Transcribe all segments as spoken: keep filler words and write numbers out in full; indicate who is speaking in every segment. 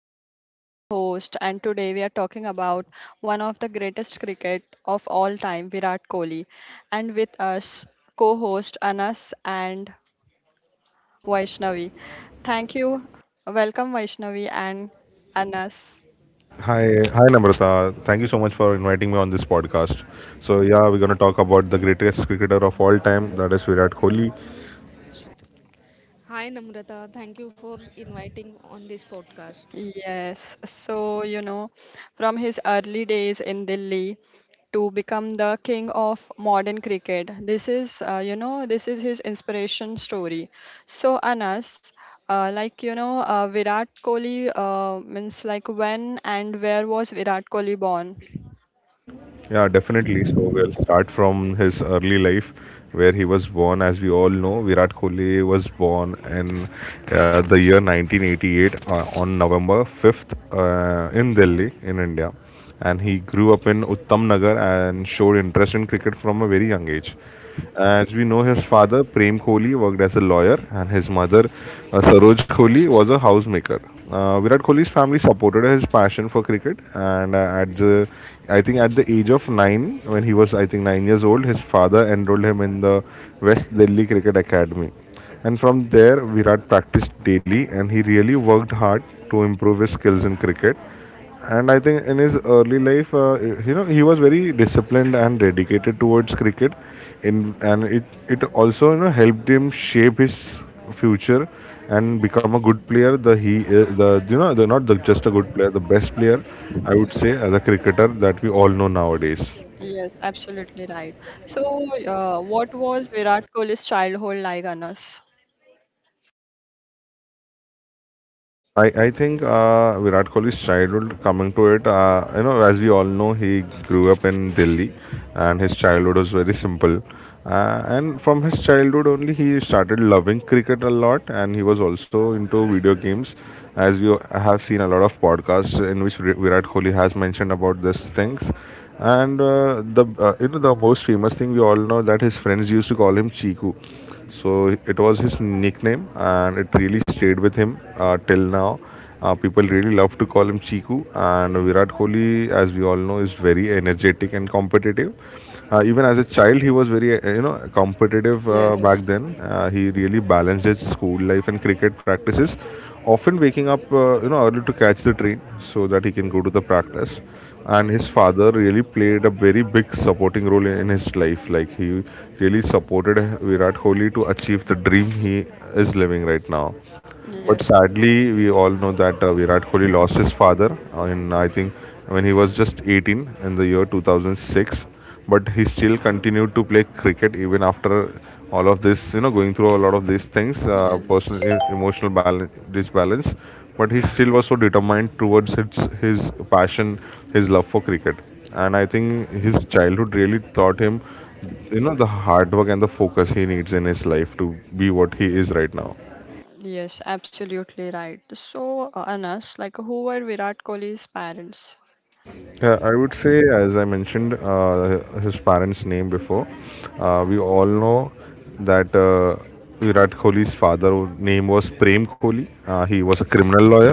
Speaker 1: I am Namrata, host, and today we are talking about one of the greatest cricket of all time, Virat Kohli. And with us, co-host Anas and Vaishnavi. Thank you. Welcome, Vaishnavi and Anas.
Speaker 2: Hi, hi Namrata. Thank you so much for inviting me on this podcast. So yeah, we're gonna talk about the greatest cricketer of all time, that is Virat Kohli.
Speaker 3: Hi Namrata, thank you for inviting on this podcast.
Speaker 1: Yes, so you know, from his early days in Delhi to become the king of modern cricket, this is, uh, you know, this is his inspiration story. So, Anas, uh, like you know, uh, Virat Kohli uh, means like when and where was Virat Kohli born?
Speaker 2: Yeah, definitely. So we'll start from his early life, where he was born. As we all know, Virat Kohli was born in uh, the year nineteen eighty-eight uh, on November fifth uh, in Delhi, in India, and he grew up in Uttam Nagar and showed interest in cricket from a very young age. As we know, his father, Prem Kohli, worked as a lawyer, and his mother, uh, Saroj Kohli, was a housemaker. Uh, Virat Kohli's family supported his passion for cricket, and uh, at the, I think at the age of nine, when he was I think nine years old, his father enrolled him in the West Delhi Cricket Academy, and from there Virat practiced daily, and he really worked hard to improve his skills in cricket. And I think in his early life, uh, you know, he was very disciplined and dedicated towards cricket, in and it it also, you know, helped him shape his future and become a good player. The he uh, the you know the not the just a good player, the best player, I would say, as a cricketer that we all know nowadays.
Speaker 1: Yes, absolutely right. So, uh, what was Virat Kohli's childhood like, Anas?
Speaker 2: I, I think uh, Virat Kohli's childhood, coming to it, uh, you know, as we all know, he grew up in Delhi and his childhood was very simple. Uh, and from his childhood only, he started loving cricket a lot, and he was also into video games. As you have seen, a lot of podcasts in which Vir- Virat Kohli has mentioned about these things. And uh, the uh, you know the most famous thing we all know, that his friends used to call him Chiku, so it was his nickname, and it really stayed with him uh, till now. Uh, people really love to call him Chiku, and Virat Kohli, as we all know, is very energetic and competitive. Uh, even as a child, he was very uh, you know competitive uh, back
Speaker 1: Yes,
Speaker 2: then. Uh, he really balanced his school life and cricket practices, often waking up uh, you know early to catch the train so that he can go to the practice. And his father really played a very big supporting role in his life. Like, he really supported Virat Kohli to achieve the dream he is living right now. But
Speaker 1: yes,
Speaker 2: sadly, we all know that uh, Virat Kohli lost his father, uh, in, I think, when he was just eighteen, in the year two thousand six, but he still continued to play cricket even after all of this, you know, going through a lot of these things, uh, personal,
Speaker 1: yes.
Speaker 2: e- emotional balance, disbalance. But he still was so determined towards his his passion, his love for cricket, and I think his childhood really taught him, you know, the hard work and the focus he needs in his life to be what he is right now.
Speaker 1: Yes, absolutely right. So, uh, Anas, like who were Virat Kohli's parents?
Speaker 2: Yeah, I would say, as I mentioned uh, his parents' name before. Uh, we all know that uh, Virat Kohli's father name was Prem Kohli. Uh, he was a criminal lawyer,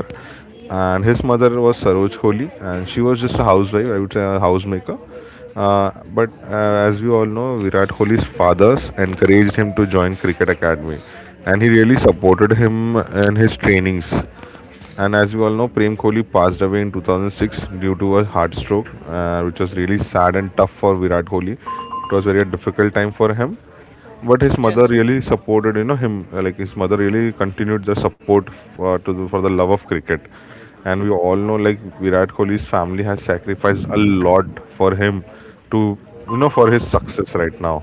Speaker 2: and his mother was Saroj Kohli, and she was just a housewife. I would say a housemaker. Uh, but uh, as we all know, Virat Kohli's fathers encouraged him to join cricket academy, and he really supported him in his trainings. And as we all know, Prem Kohli passed away in two thousand six due to a heart stroke, uh, which was really sad and tough for Virat Kohli. It was very a difficult time for him, but his mother
Speaker 1: Yes.
Speaker 2: really supported, you know, him. uh, Like, his mother really continued the support for, to the, for the love of cricket. And we all know, like, Virat Kohli's family has sacrificed a lot for him to, you know, for his success right now.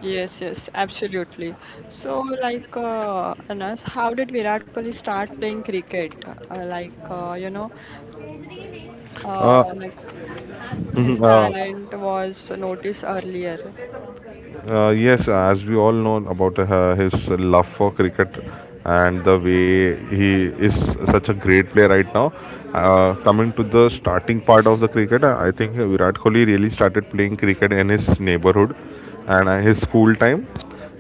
Speaker 1: Yes, yes, absolutely. So, like, uh, Anas, how did Virat Kohli start playing cricket? Uh, like, uh, you know, uh,
Speaker 2: Uh,
Speaker 1: like his
Speaker 2: mhm, uh,
Speaker 1: talent was noticed earlier.
Speaker 2: Uh, yes, as we all know about uh, his love for cricket and the way he is such a great player right now. Uh, coming to the starting part of the cricket, I think Virat Kohli really started playing cricket in his neighborhood and uh, his school time,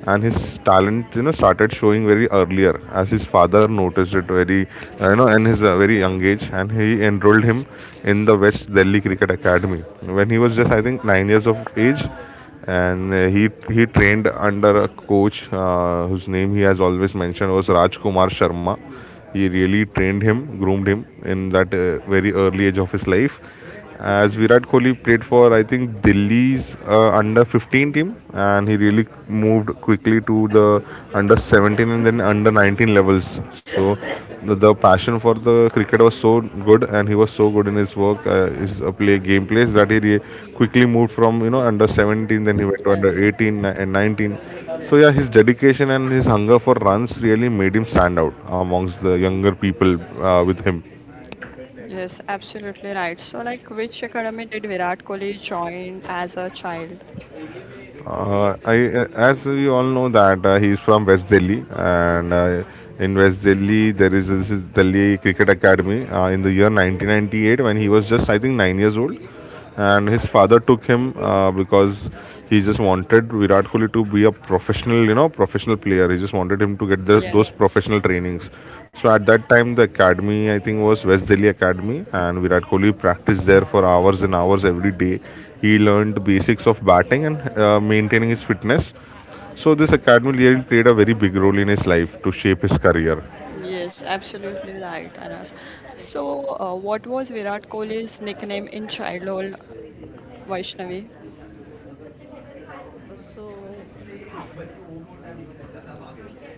Speaker 2: and his talent, you know, started showing very earlier, as his father noticed it very uh, you know in his uh, very young age, and he enrolled him in the West Delhi Cricket Academy when he was just, I think, nine years of age. And uh, he he trained under a coach uh, whose name he has always mentioned, was Rajkumar Sharma. He really trained him, groomed him in that uh, very early age of his life. As Virat Kohli played for, I think, Delhi's uh, under fifteen team, and he really moved quickly to the under 17 17 and then under nineteen levels. So the, the passion for the cricket was so good, and he was so good in his work, uh, his uh, play game plays, that he re- quickly moved from, you know, under seventeen, then he went to
Speaker 1: Yes,
Speaker 2: under eighteen ni- and nineteen. So yeah, his dedication and his hunger for runs really made him stand out amongst the younger people uh, with him.
Speaker 1: yes, absolutely right. So, like, which academy did Virat Kohli join as a child?
Speaker 2: Uh, I, uh, as you all know that uh, he is from West Delhi, and uh, in West Delhi there is this is Delhi Cricket Academy uh, in the year nineteen ninety-eight when he was just, I think, nine years old, and his father took him uh, because he just wanted Virat Kohli to be a professional, you know, professional player. He just wanted him to get the, those
Speaker 1: Yes.
Speaker 2: professional trainings. So at that time the academy, I think, was West Delhi Academy, and Virat Kohli practiced there for hours and hours every day. He learned the basics of batting and uh, maintaining his fitness. So this academy year played a very big role in his life to shape his career.
Speaker 1: Yes, absolutely right, Anas. So, uh, what was Virat Kohli's nickname in childhood, Vaishnavi?
Speaker 3: Uh, so,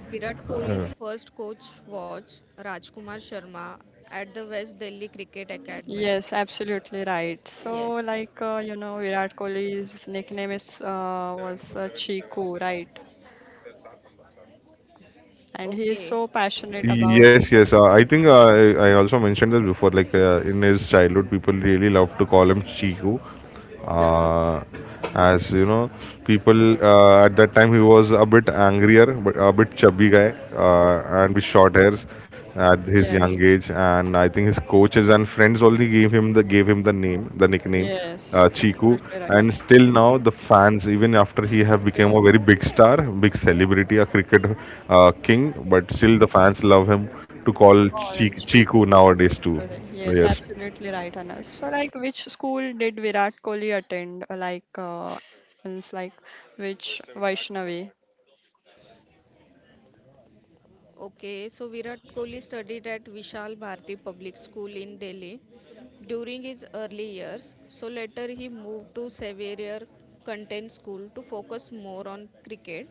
Speaker 3: Virat Kohli's first coach was Rajkumar Sharma at the West Delhi Cricket Academy.
Speaker 1: Yes, absolutely right. So,
Speaker 3: Yes.
Speaker 1: like, uh, you know, Virat Kohli's nickname is uh, was uh, Chiku, right? And he is
Speaker 3: Okay.
Speaker 1: so passionate about.
Speaker 2: Yes, yes. Uh, I think uh, I, I also mentioned this before. Like, uh, in his childhood, people really loved to call him Chiku. Uh, as you know, people uh, at that time, he was a bit angrier, but a bit chubby guy, uh, and with short hairs at his young
Speaker 1: Yes,
Speaker 2: age. And I think his coaches and friends only gave him the gave him the name, the nickname. uh,
Speaker 1: yes,
Speaker 2: Chiku,
Speaker 1: absolutely right.
Speaker 2: and still now the fans, even after he have become
Speaker 1: Yes.
Speaker 2: a very big star, big celebrity, a cricket uh, king, but still the fans love him to call
Speaker 1: Oh,
Speaker 2: Chi-
Speaker 1: L M C,
Speaker 2: Chiku
Speaker 1: cool
Speaker 2: nowadays too.
Speaker 1: today. Yes,
Speaker 2: Yes.
Speaker 1: absolutely right, Anas. So, like, which school did Virat Kohli attend? Uh, Like, uh, means like, which Vaishnavi?
Speaker 3: Okay. So, Virat Kohli studied at Vishal Bharati Public School in Delhi during his early years. So later he moved to Xavier Content School to focus more on cricket.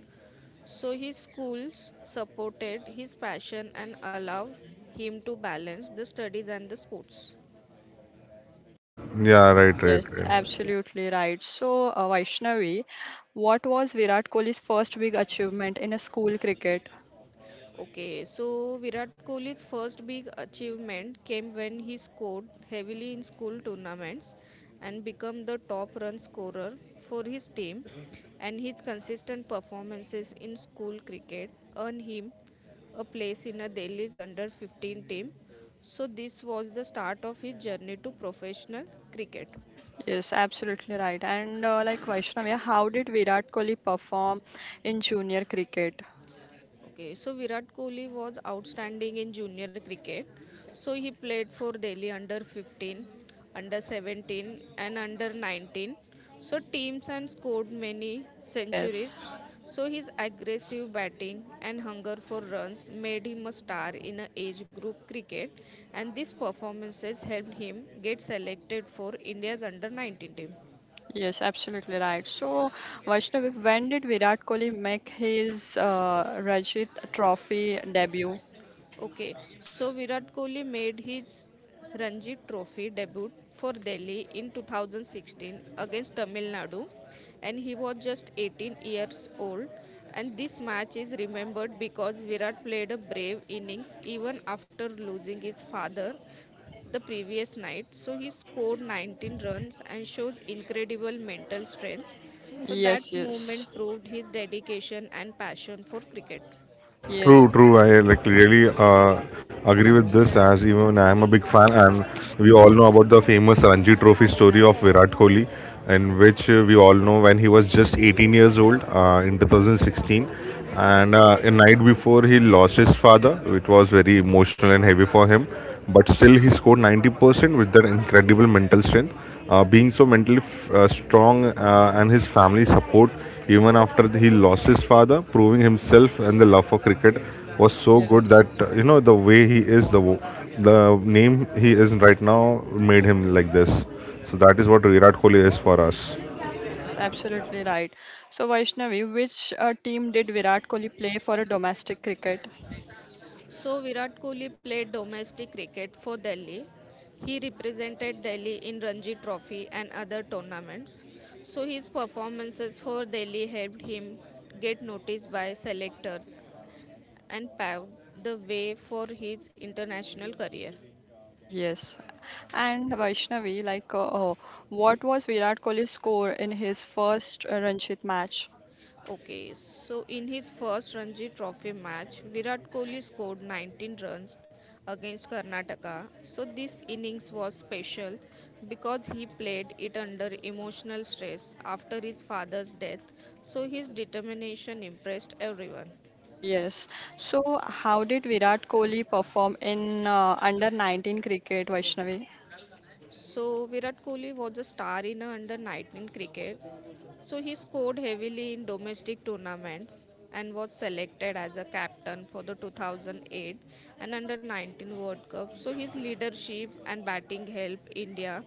Speaker 3: So his schools supported his passion and allowed him to balance the studies and the sports.
Speaker 2: Yeah. Right. Right.
Speaker 1: Yes,
Speaker 2: Right.
Speaker 1: absolutely right. So, uh, Vaishnavi, what was Virat Kohli's first big achievement in a school cricket?
Speaker 3: Okay, so Virat Kohli's first big achievement came when he scored heavily in school tournaments and became the top run scorer for his team, and his consistent performances in school cricket earned him a place in a Delhi's under fifteen team. So this was the start of his journey to professional cricket.
Speaker 1: Yes, absolutely right. And uh, like Vaishnavi, how did Virat Kohli perform in junior cricket?
Speaker 3: Okay, so Virat Kohli was outstanding in junior cricket. So he played for Delhi under fifteen, under seventeen, and under nineteen. So teams and scored many centuries.
Speaker 1: Yes.
Speaker 3: So his aggressive batting and hunger for runs made him a star in a age group cricket, and these performances helped him get selected for India's under nineteen team.
Speaker 1: Yes, absolutely right. So, Vaishnavi, when did Virat Kohli make his uh, Ranji Trophy debut?
Speaker 3: Okay, so Virat Kohli made his Ranji Trophy debut for Delhi in two thousand sixteen against Tamil Nadu, and he was just eighteen years old. And this match is remembered because Virat played a brave innings even after losing his father the previous night. So he scored nineteen runs and shows incredible mental strength. So
Speaker 1: Yes,
Speaker 3: that's
Speaker 1: yes,
Speaker 3: moment proved his dedication and passion for cricket.
Speaker 1: yes,
Speaker 2: True, true. I like really uh, agree with this, as even I am a big fan, and we all know about the famous Ranji Trophy story of Virat Kohli, in which uh, we all know when he was just eighteen years old uh, in two thousand sixteen, and uh, a night before, he lost his father. It was very emotional and heavy for him, but still he scored ninety percent with their incredible mental strength. Uh, being so mentally f- uh, strong uh, and his family support even after he lost his father, proving himself and the love for cricket was so good
Speaker 1: yes,
Speaker 2: that uh, you know, the way he is, the wo- the name he is right now, made him like this. So that is what Virat Kohli is for us.
Speaker 1: yes, absolutely right. So, Vaishnavi, which uh, team did Virat Kohli play for a domestic cricket?
Speaker 3: So Virat Kohli played domestic cricket for Delhi. He represented Delhi in Ranji Trophy and other tournaments. So his performances for Delhi helped him get noticed by selectors and paved the way for his international career.
Speaker 1: Yes. And Vaishnavi, like, uh, uh, what was Virat Kohli's score in his first uh, Ranji match?
Speaker 3: Okay, so in his first Ranji Trophy match, Virat Kohli scored nineteen runs against Karnataka. So this innings was special because he played it under emotional stress after his father's death. So his determination impressed everyone.
Speaker 1: Yes. So, how did Virat Kohli perform in uh, under nineteen cricket, Vaishnavi?
Speaker 3: So Virat Kohli was a star in under nineteen cricket. So he scored heavily in domestic tournaments and was selected as a captain for the two thousand eight and under nineteen World Cup. So his leadership and batting helped India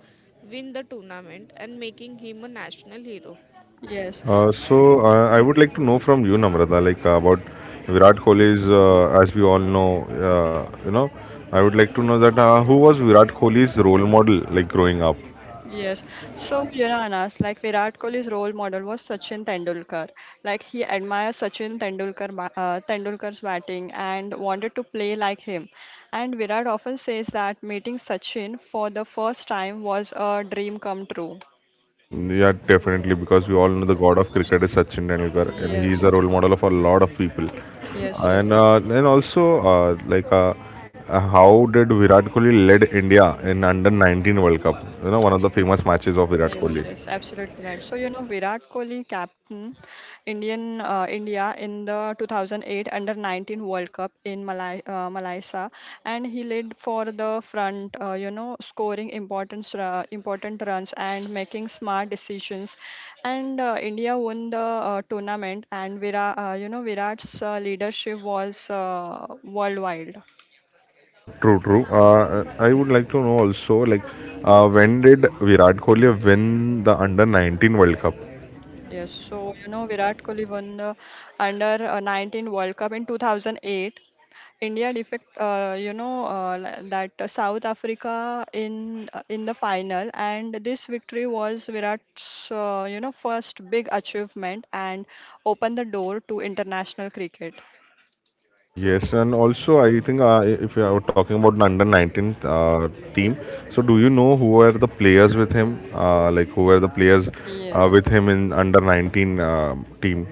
Speaker 3: win the tournament and making him a national hero.
Speaker 1: Yes,
Speaker 2: Uh, so uh, I would like to know from you, Namrata, like, uh, about Virat Kohli's. Uh, as we all know, uh, you know, I would like to know that uh, who was Virat Kohli's role model, like, growing up.
Speaker 1: yes. So, you know, Anas, like Virat Kohli's role model was Sachin Tendulkar. Like he admired Sachin Tendulkar, ba- uh, Tendulkar's batting and wanted to play like him. And Virat often says that meeting Sachin for the first time was a dream come true.
Speaker 2: Yeah, definitely, because we all know the god of cricket is Sachin Tendulkar, and he is
Speaker 1: Yes,
Speaker 2: a role model of a lot of people.
Speaker 1: yes, yes,
Speaker 2: And uh, and also uh, like uh, uh, how did Virat Kohli led India in under nineteen World Cup? You know, one of
Speaker 1: yes.
Speaker 2: the famous matches of Virat
Speaker 1: Yes,
Speaker 2: Kohli.
Speaker 1: yes, absolutely right. So, you know, Virat Kohli captain Indian uh, India in the two thousand eight under nineteen World Cup in Malai uh, Malaysia, and he led for the front, uh, you know, scoring important uh, important runs and making smart decisions. And uh, India won the uh, tournament, and Virat, uh, you know, Virat's uh, leadership was uh, worldwide.
Speaker 2: Uh, True, true. Uh, I would like to know also, like, uh, when did Virat Kohli win the Under nineteen World Cup?
Speaker 1: Yes, so you know Virat Kohli won the under uh, nineteen World Cup in two thousand eight. India defect, uh, you know, uh, li- that uh, South Africa in uh, in the final, and this victory was Virat's, uh, you know, first big achievement and opened the door to international cricket.
Speaker 2: Yes, and also I think uh, if you are talking about the Under nineteen uh, team, so do you know who were the players with him? Uh, like, who were the players uh,
Speaker 1: Yes.
Speaker 2: with him in Under nineteen uh, team?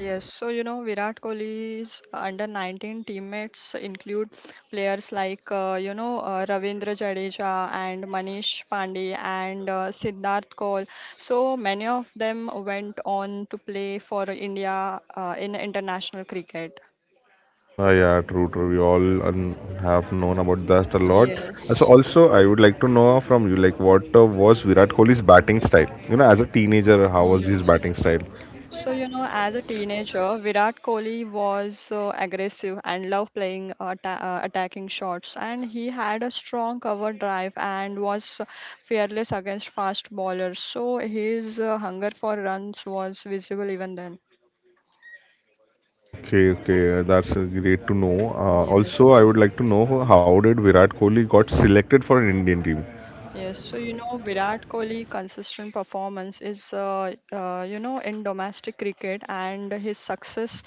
Speaker 1: Yes, so you know Virat Kohli's under nineteen teammates include players like uh, you know uh, Ravindra Jadeja and Manish Pandey and uh, Siddharth Kaul. So many of them went on to play for India uh, in international cricket.
Speaker 2: Uh, yeah, true, true. We all um, have known about that a lot. Uh, So
Speaker 1: Yes.
Speaker 2: also, I would like to know from you, like, what uh, was Virat Kohli's batting style? You know, as a teenager, how was his
Speaker 1: Yes.
Speaker 2: batting style?
Speaker 1: So, you know, as a teenager, Virat Kohli was uh, aggressive and loved playing atta uh, attacking shots. And he had a strong cover drive and was fearless against fast bowlers. So, his uh, hunger for runs was visible even then.
Speaker 2: Okay, okay, uh, that's uh, great to know. Uh, also,
Speaker 1: Yes.
Speaker 2: I would like to know, how did Virat Kohli got selected for an Indian team?
Speaker 1: Yes, so you know Virat Kohli consistent performance is uh, uh, you know in domestic cricket and his success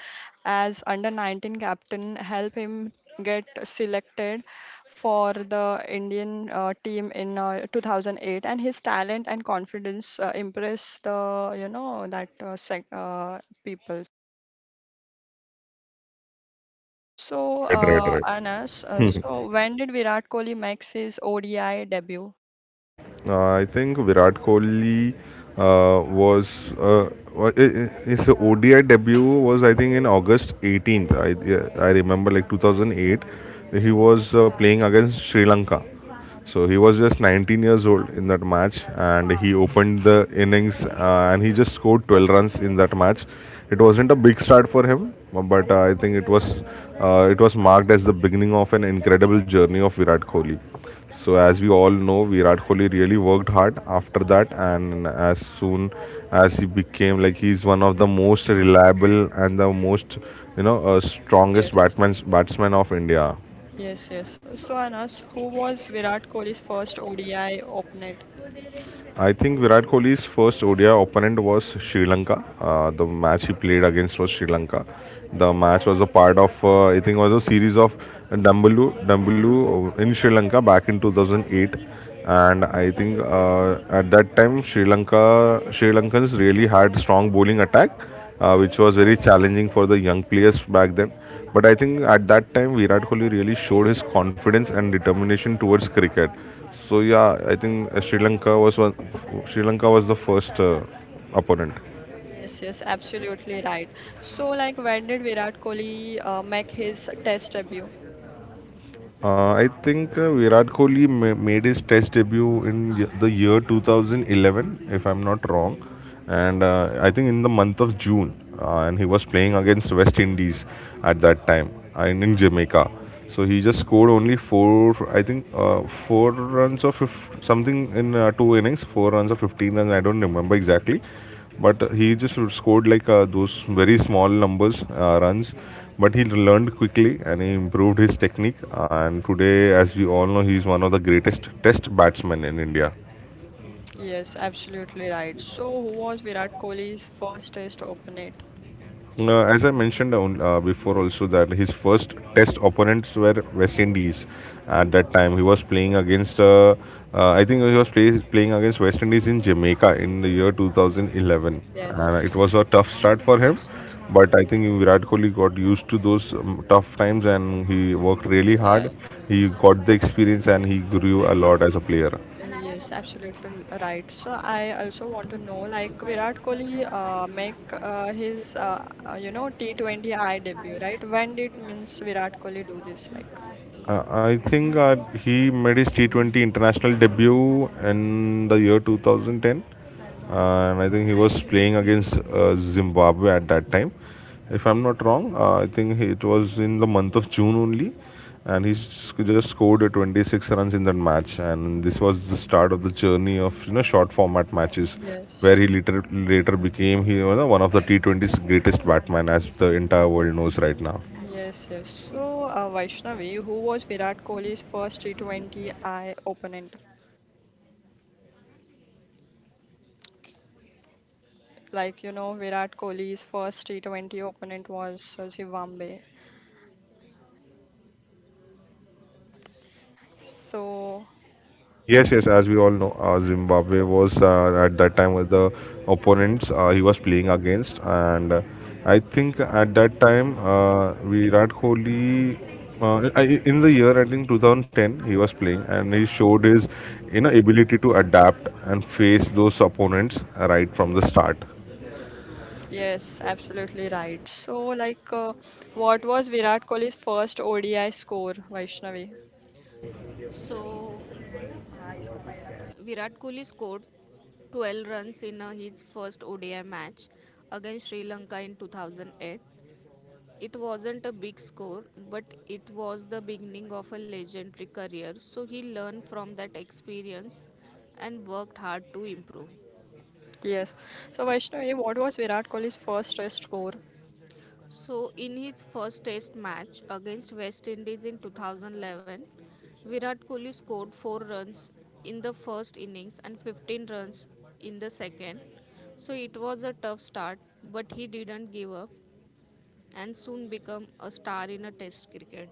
Speaker 1: as under nineteen captain help him get selected for the Indian uh, team in uh, two thousand eight, and his talent and confidence uh, impress the you know that uh, sec uh, people. So
Speaker 2: Right, right,
Speaker 1: uh,
Speaker 2: right.
Speaker 1: Anas, uh, so when did Virat Kohli make his O D I debut?
Speaker 2: Uh, I think Virat Kohli uh, was uh, wa- I- I- his O D I debut was, I think, in August eighteenth. I Yeah, I remember, like, two thousand eight. He was uh, playing against Sri Lanka, so he was just nineteen years old in that match, and he opened the innings uh, and he just scored twelve runs in that match. It wasn't a big start for him, but uh, I think it was uh, it was marked as the beginning of an incredible journey of Virat Kohli. So as we all know, Virat Kohli really worked hard after that, and as soon as he became like he's one of the most reliable and the most you know uh, strongest
Speaker 1: Yes.
Speaker 2: batman batsman of India.
Speaker 1: Yes, yes. So, Anas, who was Virat Kohli's first O D I opponent?
Speaker 2: I think Virat Kohli's first O D I opponent was Sri Lanka. Uh, the match he played against was Sri Lanka. The match was a part of, uh, I think, was a series of Dambalu, Dambalu in Sri Lanka back in two thousand eight. And I think uh, at that time, Sri Lanka, Sri Lankans really had strong bowling attack, uh, which was very challenging for the young players back then. But I think at that time, Virat Kohli really showed his confidence and determination towards cricket. So yeah, I think uh, Sri Lanka was one. Sri Lanka was the first uh, opponent.
Speaker 1: Yes, yes, absolutely right. So, like, when did Virat Kohli uh, make his test debut?
Speaker 2: Uh, I think uh, Virat Kohli ma- made his Test debut in y- the year two thousand eleven, if I'm not wrong, and uh, I think in the month of June, uh, and he was playing against West Indies at that time and in Jamaica. So he just scored only four, I think, uh, four runs or fif- something in uh, two innings, four runs or fifteen runs. I don't remember exactly, but uh, he just scored like uh, those very small numbers uh, runs, but he learned quickly and he improved his technique, and today, as we all know, he is one of the greatest test batsmen in India.
Speaker 1: Yes, absolutely right. So, who was Virat Kohli's first test opponent?
Speaker 2: Uh, as I mentioned on- uh, before, also that his first test opponents were West Indies. At that time, he was playing against. Uh, uh, I think he was play, playing against West Indies in Jamaica in the year two thousand eleven. And
Speaker 1: Yes.
Speaker 2: it was a tough start for him, but I think Virat Kohli got used to those um, tough times and he worked really
Speaker 1: Yeah,
Speaker 2: hard. He got the experience and he grew a lot as a player.
Speaker 1: yes, absolutely right. So I also want to know, like Virat Kohli, uh, make uh, his uh, uh, you know T twenty I debut, right? When did means Virat Kohli do this? Like,
Speaker 2: Uh, I think uh, he made his T twenty international debut in the year two thousand ten, and I think he was playing against uh, Zimbabwe at that time. If I'm not wrong, uh, I think he- it was in the month of June only, and he s- just scored uh, twenty-six runs in that match. And this was the start of the journey of you know short format matches, where
Speaker 1: yes.
Speaker 2: he later later became he, you know, one of the T twenty's greatest batman, as the entire world knows right now.
Speaker 1: Yes, yes. So, uh, Vaishnavi, who was Virat Kohli's first T twenty I opponent? Like, you know, Virat Kohli's first T twenty opponent was uh, Zimbabwe. So,
Speaker 2: Yes, yes. As we all know, uh, Zimbabwe was uh, at that time with the opponents uh, he was playing against, and uh, I think at that time uh, Virat Kohli, uh, I- in the year I think twenty ten, he was playing and he showed his you know ability to adapt and face those opponents right from the start.
Speaker 1: yes, absolutely right. So, like, uh, what was Virat Kohli's first O D I score, Vaishnavi?
Speaker 3: So Virat Kohli scored twelve runs in uh, his first O D I match against Sri Lanka in two thousand eight. It wasn't a big score, but it was the beginning of a legendary career. So he learned from that experience and worked hard to improve.
Speaker 1: Yes. So, Vaishnavi, what was Virat Kohli's first test score?
Speaker 3: So in his first test match against West Indies in two thousand eleven, Virat Kohli scored four runs in the first innings and fifteen runs in the second. So it was a tough start, but he didn't give up and soon became a star in a test cricket.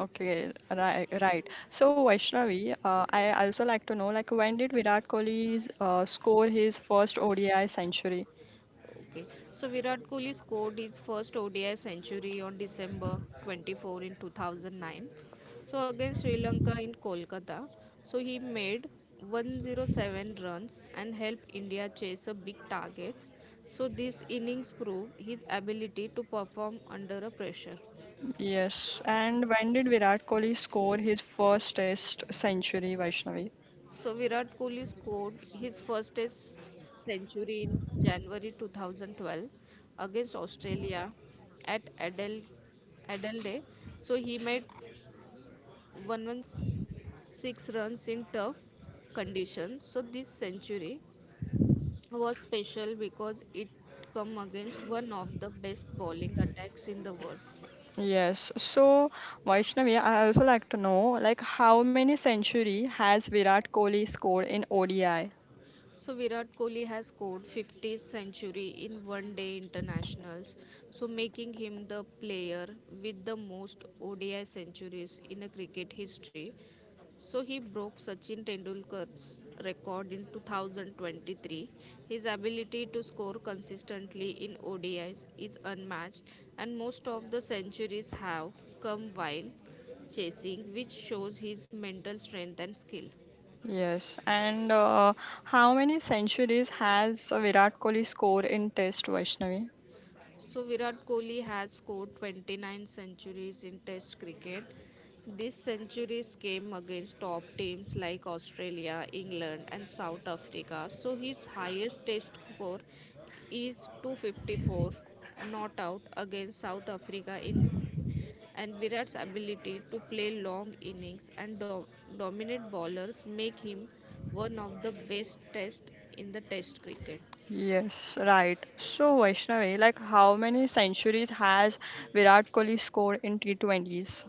Speaker 1: Okay, right, right. So Vaishnavi, uh, I also like to know like when did Virat Kohli uh, score his first O D I century?
Speaker 3: Okay, so Virat Kohli scored his first O D I century on December twenty-fourth in two thousand nine. So against Sri Lanka in Kolkata, so he made one hundred seven runs and helped India chase a big target. So this innings proved his ability to perform under a pressure.
Speaker 1: Yes, and when did Virat Kohli score his first Test century, Vaishnavi?
Speaker 3: So Virat Kohli scored his first test century in January two thousand twelve against Australia at Adel- Adelaide. So he made one hundred sixteen runs in tough conditions. So this century was special because it come against one of the best bowling attacks in the world.
Speaker 1: Yes. So Vaishnavi, I also like to know like how many century has Virat Kohli scored in O D I?
Speaker 3: So Virat Kohli has scored fiftieth century in one day internationals, so making him the player with the most O D I centuries in a cricket history. So he broke Sachin Tendulkar's record in two thousand twenty-three. His ability to score consistently in ODIs is is unmatched, and most of the centuries have come while chasing, which shows his mental strength and skill.
Speaker 1: Yes, and uh, how many centuries has Virat Kohli scored in Test, Vaishnavi?
Speaker 3: So Virat Kohli has scored twenty-nine centuries in Test cricket. These centuries came against top teams like Australia, England, and South Africa. So his highest Test score is two hundred fifty-four not out against South Africa in and Virat's ability to play long innings and do- dominate bowlers make him one of the best test in the test cricket.
Speaker 1: Yes, right. So, Vaishnavi, like how many centuries has Virat Kohli scored in T twenties?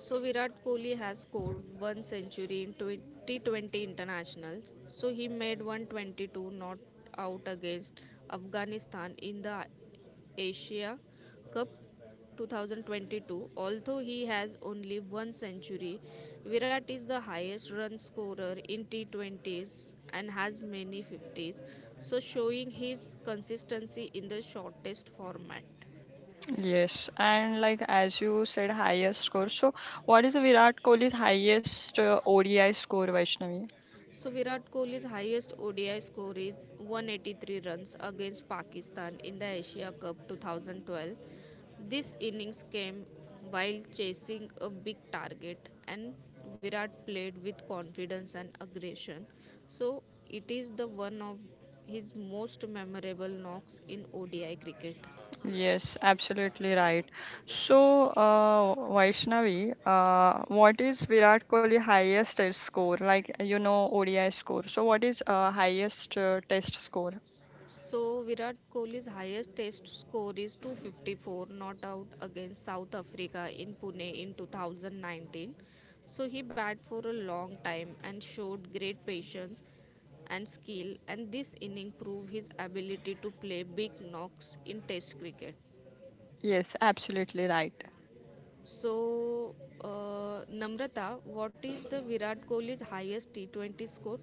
Speaker 3: So Virat Kohli has scored one century in twenty twenty international. So he made one hundred twenty-two not out against Afghanistan in the Asia Cup twenty twenty-two. Although he has only one century, Virat is the highest run scorer in T twenty s and has many fifties, so showing his consistency in the shortest format.
Speaker 1: Yes, and like as you said, highest score. So, what is Virat Kohli's highest uh, O D I score, Vaishnavi?
Speaker 3: So Virat Kohli's highest O D I score is one hundred eighty-three runs against Pakistan in the Asia Cup twenty twelve. This innings came while chasing a big target, and Virat played with confidence and aggression. So it is the one of his most memorable knocks in O D I cricket.
Speaker 1: Yes, absolutely right. So, uh, Vaishnavi, uh, what is Virat Kohli highest test score? Like you know, O D I score. So, what is uh, highest uh, test score?
Speaker 3: So Virat Kohli's highest test score is two hundred fifty-four not out against South Africa in Pune in two thousand nineteen. So he batted for a long time and showed great patience and skill, and this inning proved his ability to play big knocks in test cricket.
Speaker 1: Yes, absolutely right.
Speaker 3: So uh, Namrata, what is the Virat Kohli's highest T twenty score?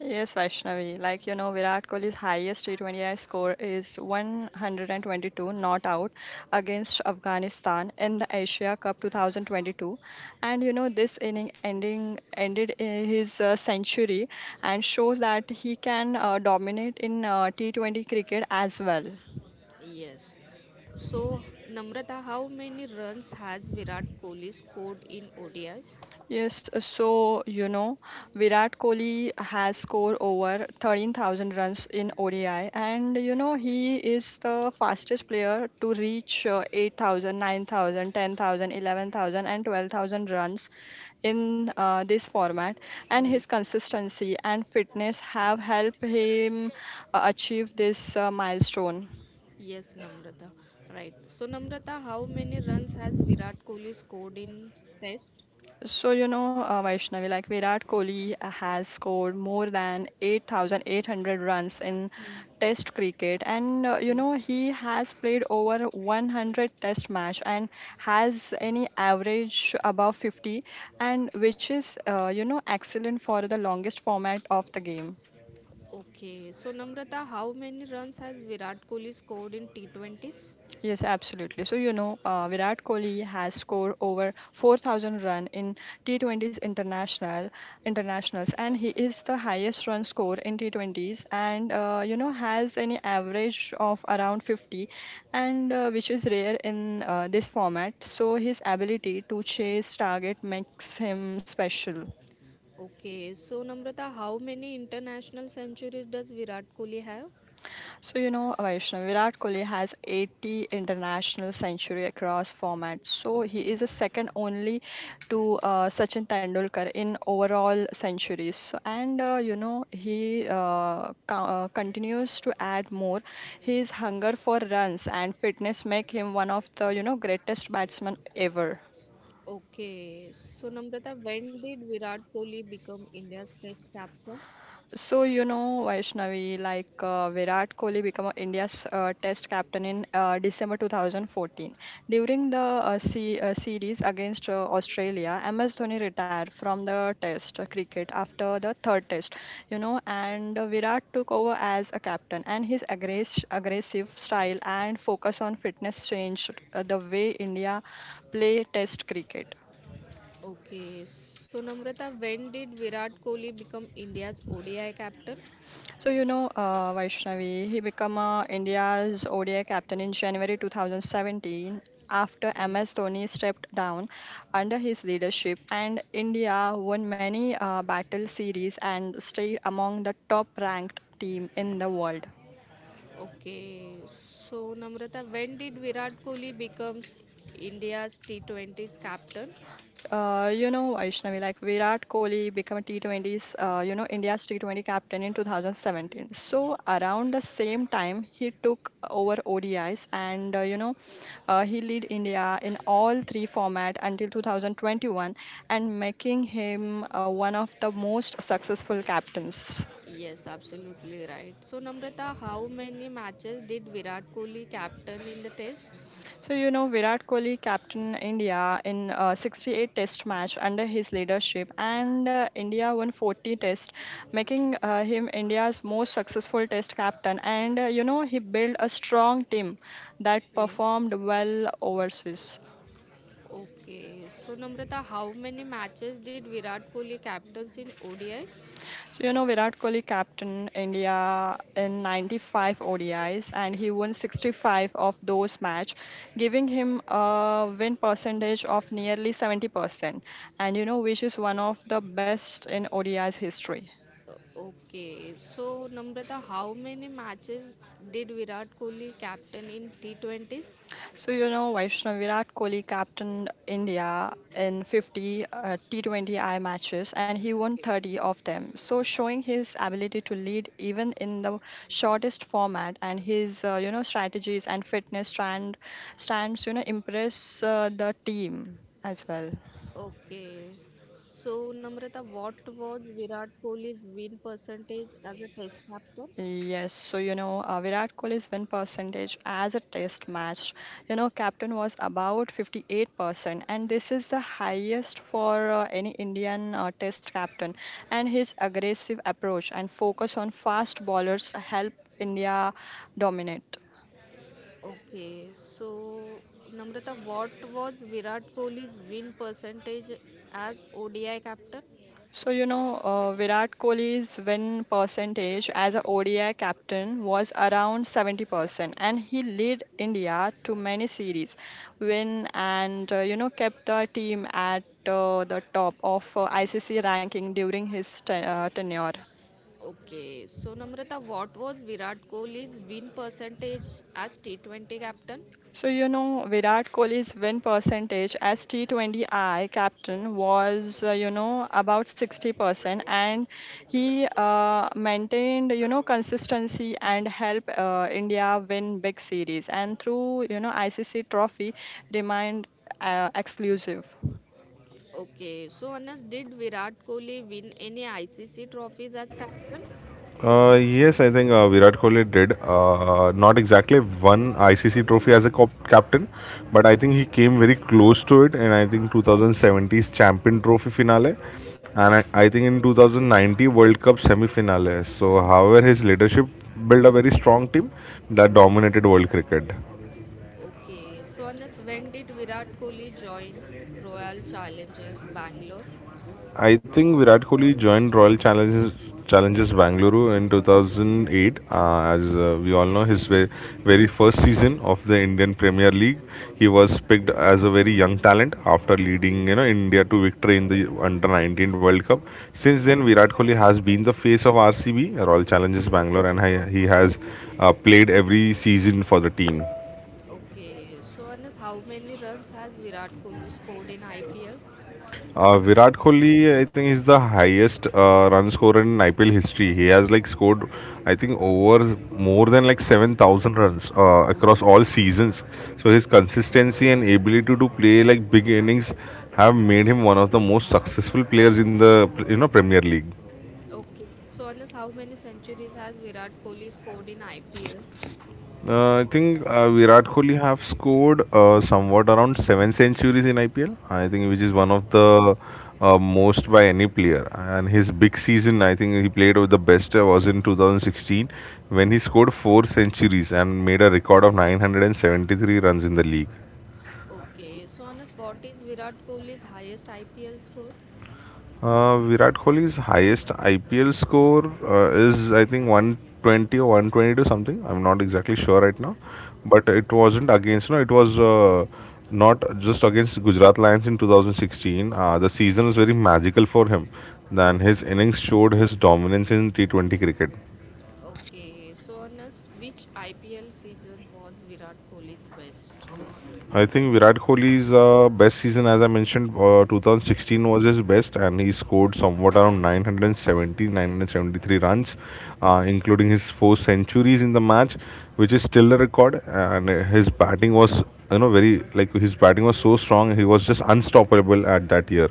Speaker 1: Yes, Vaishnavi. Like, you know, Virat Kohli's highest T twenty I score is one hundred twenty-two not out against Afghanistan in the Asia Cup twenty twenty-two. And, you know, this inning ending ended i- his uh, century and shows that he can uh, dominate in uh, T twenty cricket as well.
Speaker 3: Yes. So, Namrata, how many runs has Virat Kohli scored in O D Is?
Speaker 1: Yes, uh, so you know, Virat Kohli has scored over thirteen thousand runs in O D I, and you know, he is the fastest player to reach uh, eight thousand, runs in uh, this format. And his
Speaker 3: Yes.
Speaker 1: consistency and fitness have helped him uh, achieve this uh, milestone.
Speaker 3: Yes, Namrata. Right. So, Namrata, how many runs has Virat Kohli scored in Test?
Speaker 1: So, you know, uh, Vaishnavi, like Virat Kohli has scored more than eight thousand eight hundred runs in
Speaker 3: Hmm.
Speaker 1: Test cricket, and uh, you
Speaker 3: Okay.
Speaker 1: know, he has played over one hundred Test match and has any average above fifty, and which is, uh, you know, excellent for the longest format of the game.
Speaker 3: Okay. So, Namrata, how many runs has Virat Kohli scored in T twenty s?
Speaker 1: Yes, absolutely. So you know, uh, Virat Kohli has scored over four thousand run in T twenties international internationals, and he is the highest run score in T twenties, and uh, you know has an average of around fifty, and uh, which is rare in uh, this format. So his ability to chase target makes him special.
Speaker 3: Okay. So, Namrata, how many international centuries does Virat Kohli have?
Speaker 1: So, you know, Vaishnav, Virat Kohli has eighty international century across formats. So, he is
Speaker 3: Okay.
Speaker 1: a second only to uh, Sachin Tendulkar in overall centuries. So, and, uh, you know, he uh, co- uh, continues to add more. His hunger for runs and fitness make him one of the, you know, greatest batsmen ever.
Speaker 3: Okay, so Namrata, when did Virat Kohli become India's test captain?
Speaker 1: So, you know, Vaishnavi, like uh, Virat Kohli became India's uh, test captain in uh, December two thousand fourteen. During the uh, se- uh, series against uh, Australia, M S Dhoni retired from the test uh, cricket after the third test, you know, and uh, Virat took over as a captain. And his aggress- aggressive style and focus on fitness changed uh, the way India play test cricket.
Speaker 3: Okay, so Namrata, when did Virat Kohli become India's O D I captain?
Speaker 1: So you know, uh, Vaishnavi, he became uh, India's O D I captain in January two thousand seventeen after
Speaker 3: Okay.
Speaker 1: M S Dhoni stepped down under his leadership, and India won many uh, battle series and stayed among the top-ranked team in the world.
Speaker 3: Okay, so Namrata, when did Virat Kohli becomes India's T twenty's captain?
Speaker 1: Uh, you know, Vaishnavi, like Virat Kohli became a T twenties, uh, you know, India's T twenty captain in two thousand seventeen. So around the same time, he took over O D Is and, uh, you know, uh, he lead India in all three format until two thousand twenty-one and making him uh, one of the most successful captains.
Speaker 3: Yes, absolutely right. So Namrata, how many matches did Virat Kohli captain in the tests?
Speaker 1: So you know Virat Kohli captained India in uh, sixty-eight test match under his leadership and uh, India won forty test, making uh, him India's most successful test captain and uh, you know he built a strong team that
Speaker 3: Okay.
Speaker 1: performed well overseas.
Speaker 3: Okay, so Namrata, how many matches did Virat Kohli captains in O D Is?
Speaker 1: So, you know, Virat Kohli captained India in ninety-five O D Is and he won sixty-five of those match, giving him a win percentage of nearly seventy percent. And, you know, which is one of the best in O D I's history.
Speaker 3: Uh, Okay, so Namrata, how many matches did Virat Kohli captain in T twenty s?
Speaker 1: So, you know, Vaishnav Virat Kohli captained India in fifty uh, T twenty I matches and he won
Speaker 3: Okay.
Speaker 1: thirty of them. So, showing his ability to lead even in the shortest format and his, uh, you know, strategies and fitness stand, stands, you know, impress uh, the team as well.
Speaker 3: Okay, so Namrata, what was Virat Kohli's win percentage as a test captain?
Speaker 1: Yes, so you know, uh, Virat Kohli's win percentage as a test match, you know, captain was about fifty-eight percent, and this is the highest for uh, any Indian uh, test captain. And his aggressive approach and focus on fast bowlers help India dominate.
Speaker 3: Okay, so Namrata, what was Virat Kohli's win percentage as O D I captain?
Speaker 1: So, you know, uh, Virat Kohli's win percentage as a O D I captain was around seventy percent, and he led India to many series win and, uh, you know, kept the team at uh, the top of uh, I C C ranking during his te- uh, tenure.
Speaker 3: Okay, so Namrata, what was Virat Kohli's win percentage as T twenty captain?
Speaker 1: So you know Virat Kohli's win percentage as T twenty I captain was uh, you know about sixty percent and he uh, maintained you know consistency and help uh, India win big series and through you know I C C trophy remained uh, exclusive.
Speaker 3: Okay, so Anas, did Virat Kohli win any I C C trophies as captain?
Speaker 2: Uh, yes, I think uh, Virat Kohli did. Uh, not exactly one I C C trophy as a cop- captain, but I think he came very close to it. And I think two thousand seventeen's Champion Trophy finale, and I, I think in two thousand nineteen World Cup semi finale. So, however, his leadership built a very strong team that dominated world cricket.
Speaker 3: Okay, so Anas, when did Virat Kohli join Royal Challengers Bangalore?
Speaker 2: I think Virat Kohli joined Royal Challenges Challenges Bangalore in two thousand eight. Uh, as uh, we all know, his ve- very first season of the Indian Premier League, he was picked as a very young talent after leading you know India to victory in the Under nineteen World Cup. Since then, Virat Kohli has been the face of R C B Royal Challenges Bangalore, and he, he has uh, played every season for the team.
Speaker 3: Okay, so Anas, how many runs has Virat Kohli scored in I P L?
Speaker 2: Uh, Virat Kohli, I think he's the highest uh, run scorer in I P L history. He has like scored, I think, over more than like seven thousand runs uh, across all seasons. So his consistency and ability to play like big innings have made him one of the most successful players in the you know Premier League.
Speaker 3: Okay, so Anas, how many centuries has Virat Kohli scored in I P L?
Speaker 2: Uh, I think uh, Virat Kohli have scored uh, somewhat around seven centuries in I P L. I think which is one of the uh, most by any player. And his big season, I think he played with the best uh, was in two thousand sixteen, when he scored four centuries and made a record of nine hundred seventy-three runs in the league.
Speaker 3: Okay, so Anas, what is Virat Kohli's highest I P L score?
Speaker 2: Uh, Virat Kohli's highest I P L score uh, is, I think, one hundred twenty or one hundred twenty-two something. I'm not exactly sure right now. But it wasn't against, no, it was uh, not just against Gujarat Lions in two thousand sixteen. Uh, the season was very magical for him. Then his innings showed his dominance in T twenty cricket.
Speaker 3: Okay, so Anas, which I P L season was Virat Kohli's best?
Speaker 2: I think Virat Kohli's uh, best season, as I mentioned, uh, two thousand sixteen was his best, and he scored somewhat around nine hundred seventy, nine hundred seventy-three runs, uh, including his four centuries in the match, which is still a record. And uh, his batting was, you know, very like his batting was so strong, he was just unstoppable at that year.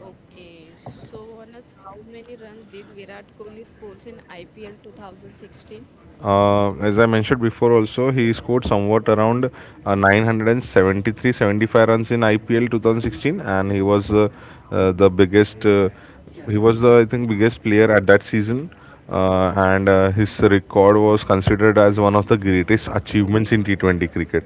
Speaker 3: Okay, so Anas, how many runs did Virat Kohli score in I P L twenty sixteen?
Speaker 2: Uh, as I mentioned before, also he scored somewhat around uh, nine hundred seventy-three seventy-five runs in I P L two thousand sixteen, and he was uh, uh, the biggest. Uh, he was the I think biggest player at that season, uh, and uh, his record was considered as one of the greatest achievements in T twenty cricket.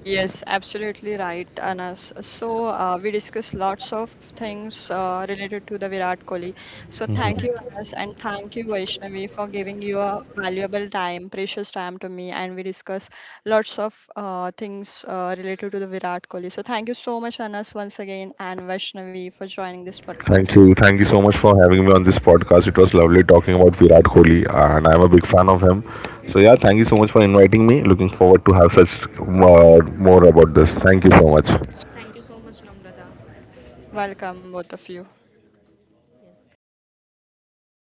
Speaker 1: Yes, absolutely right, Anas. So uh, we discussed lots of things uh, related to the Virat Kohli. So thank you, Anas, and thank you, Vaishnavi, for giving your valuable time, precious time to me. And we discussed lots of uh, things uh, related to the Virat Kohli. So thank you so much, Anas, once again, and Vaishnavi for joining this podcast.
Speaker 2: Thank you. Thank you so much
Speaker 3: Thank
Speaker 2: for
Speaker 3: you
Speaker 2: having
Speaker 3: so
Speaker 2: me on
Speaker 3: much,
Speaker 2: this podcast. It was lovely talking about
Speaker 3: Namrata.
Speaker 2: Virat Kohli, and I'm a big fan of him. So yeah, thank you so much for inviting me. Looking forward to have such uh, more about this. Thank you so much.
Speaker 3: Thank you so much, Namrata.
Speaker 1: Welcome, both of you.
Speaker 3: Yes.